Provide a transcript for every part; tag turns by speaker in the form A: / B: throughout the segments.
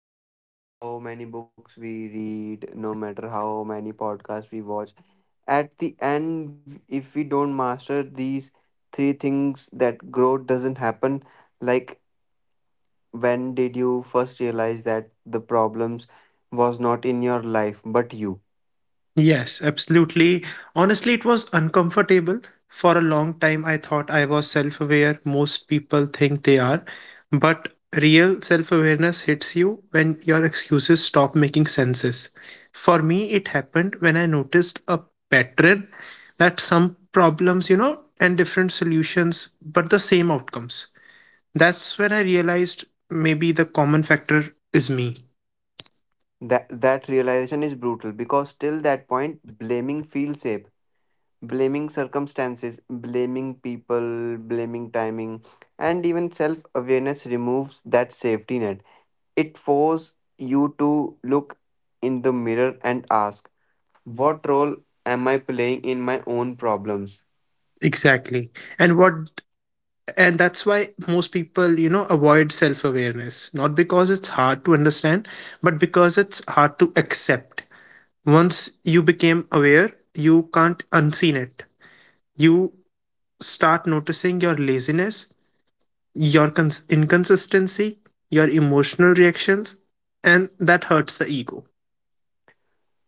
A: because no matter how many books we read, no matter how many podcasts we watch, at the end, if we don't master these three things, that growth doesn't happen. Like, when did you first realize that the problems was not in your life but you?
B: Yes, absolutely. Honestly, it was uncomfortable. For a long time, I thought I was self aware. Most people think they are. But real self awareness hits you when your excuses stop making senses. For me, it happened when I noticed a pattern that some problems, and different solutions, but the same outcomes. That's when I realized maybe the common factor is me.
A: That realization is brutal because till that point, blaming feels safe. Blaming circumstances, blaming people, blaming timing, and even self awareness removes that safety net. It forces you to look in the mirror and ask, what role am I playing in my own problems?
B: Exactly. And what And that's why most people, avoid self awareness, not because it's hard to understand, but because it's hard to accept. Once you became aware, you can't unseen it. You start noticing your laziness, your inconsistency, your emotional reactions, and that hurts the ego.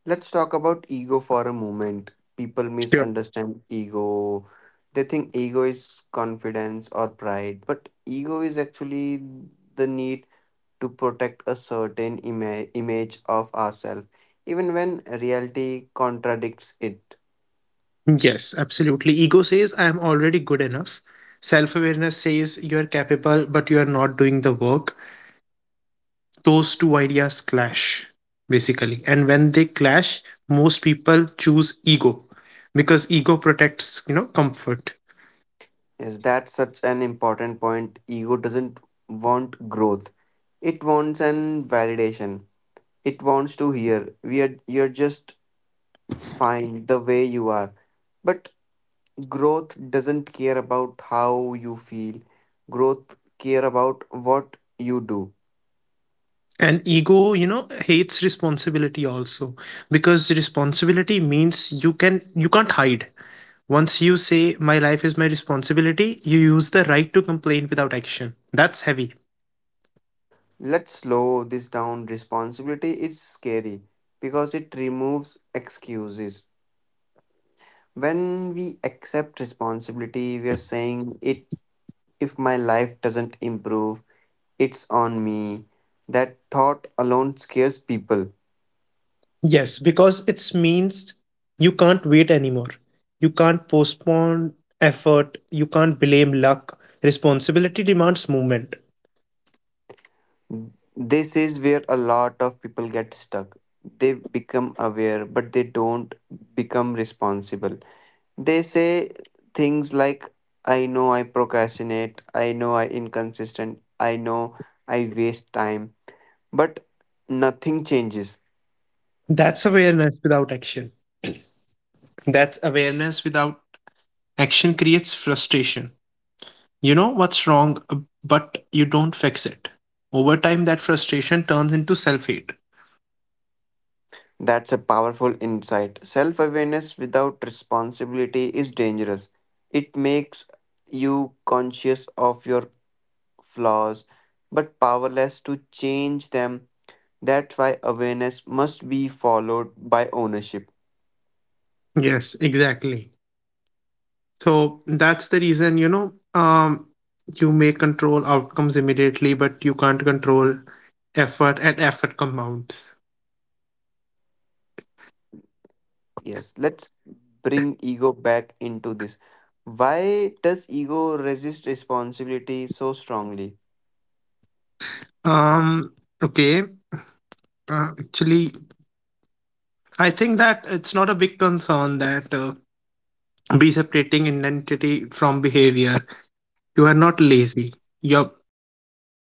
A: Let's talk about ego for a moment. People
B: Sure.
A: misunderstand ego. They think ego is confidence or pride, but ego is actually the need to protect a certain image of ourselves, even when reality contradicts it.
B: Yes, absolutely. Ego says, I am already good enough. Self awareness says, you are capable, but you are not doing the work. Those two ideas clash basically, and when they clash, most people choose ego because ego protects comfort.
A: Yes, that's such an important point. Ego doesn't want growth. It wants an validation. It wants to hear we are you're just fine the way you are. But growth doesn't care about how you feel. Growth care about what you do.
B: And ego hates responsibility also, because responsibility means you can't hide. Once you say my life is my responsibility, you use the right to complain without action. That's heavy.
A: Let's slow this down. Responsibility is scary because it removes excuses. When we accept responsibility, we are saying it. If my life doesn't improve, it's on me. That thought alone scares people.
B: Yes, because it means you can't wait anymore. You can't postpone effort. You can't blame luck. Responsibility demands movement.
A: This is where a lot of people get stuck. They become aware, but they don't become responsible. They say things like, I know I procrastinate, I know I inconsistent, I know I waste time, but nothing changes.
B: That's awareness without action. That's awareness without action creates frustration. You know what's wrong, but you don't fix it. Over time, that frustration turns into self hate.
A: That's a powerful insight. Self awareness without responsibility is dangerous. It makes you conscious of your flaws but powerless to change them. That's why awareness must be followed by ownership.
B: Yes, exactly. So that's the reason, you may control outcomes immediately, but you can't control effort, and effort compounds.
A: Yes, let's bring ego back into this. Why does ego resist responsibility so strongly?
B: Um, okay. Actually, I think that it's not a big concern that be separating identity from behavior. You are not lazy. You you behave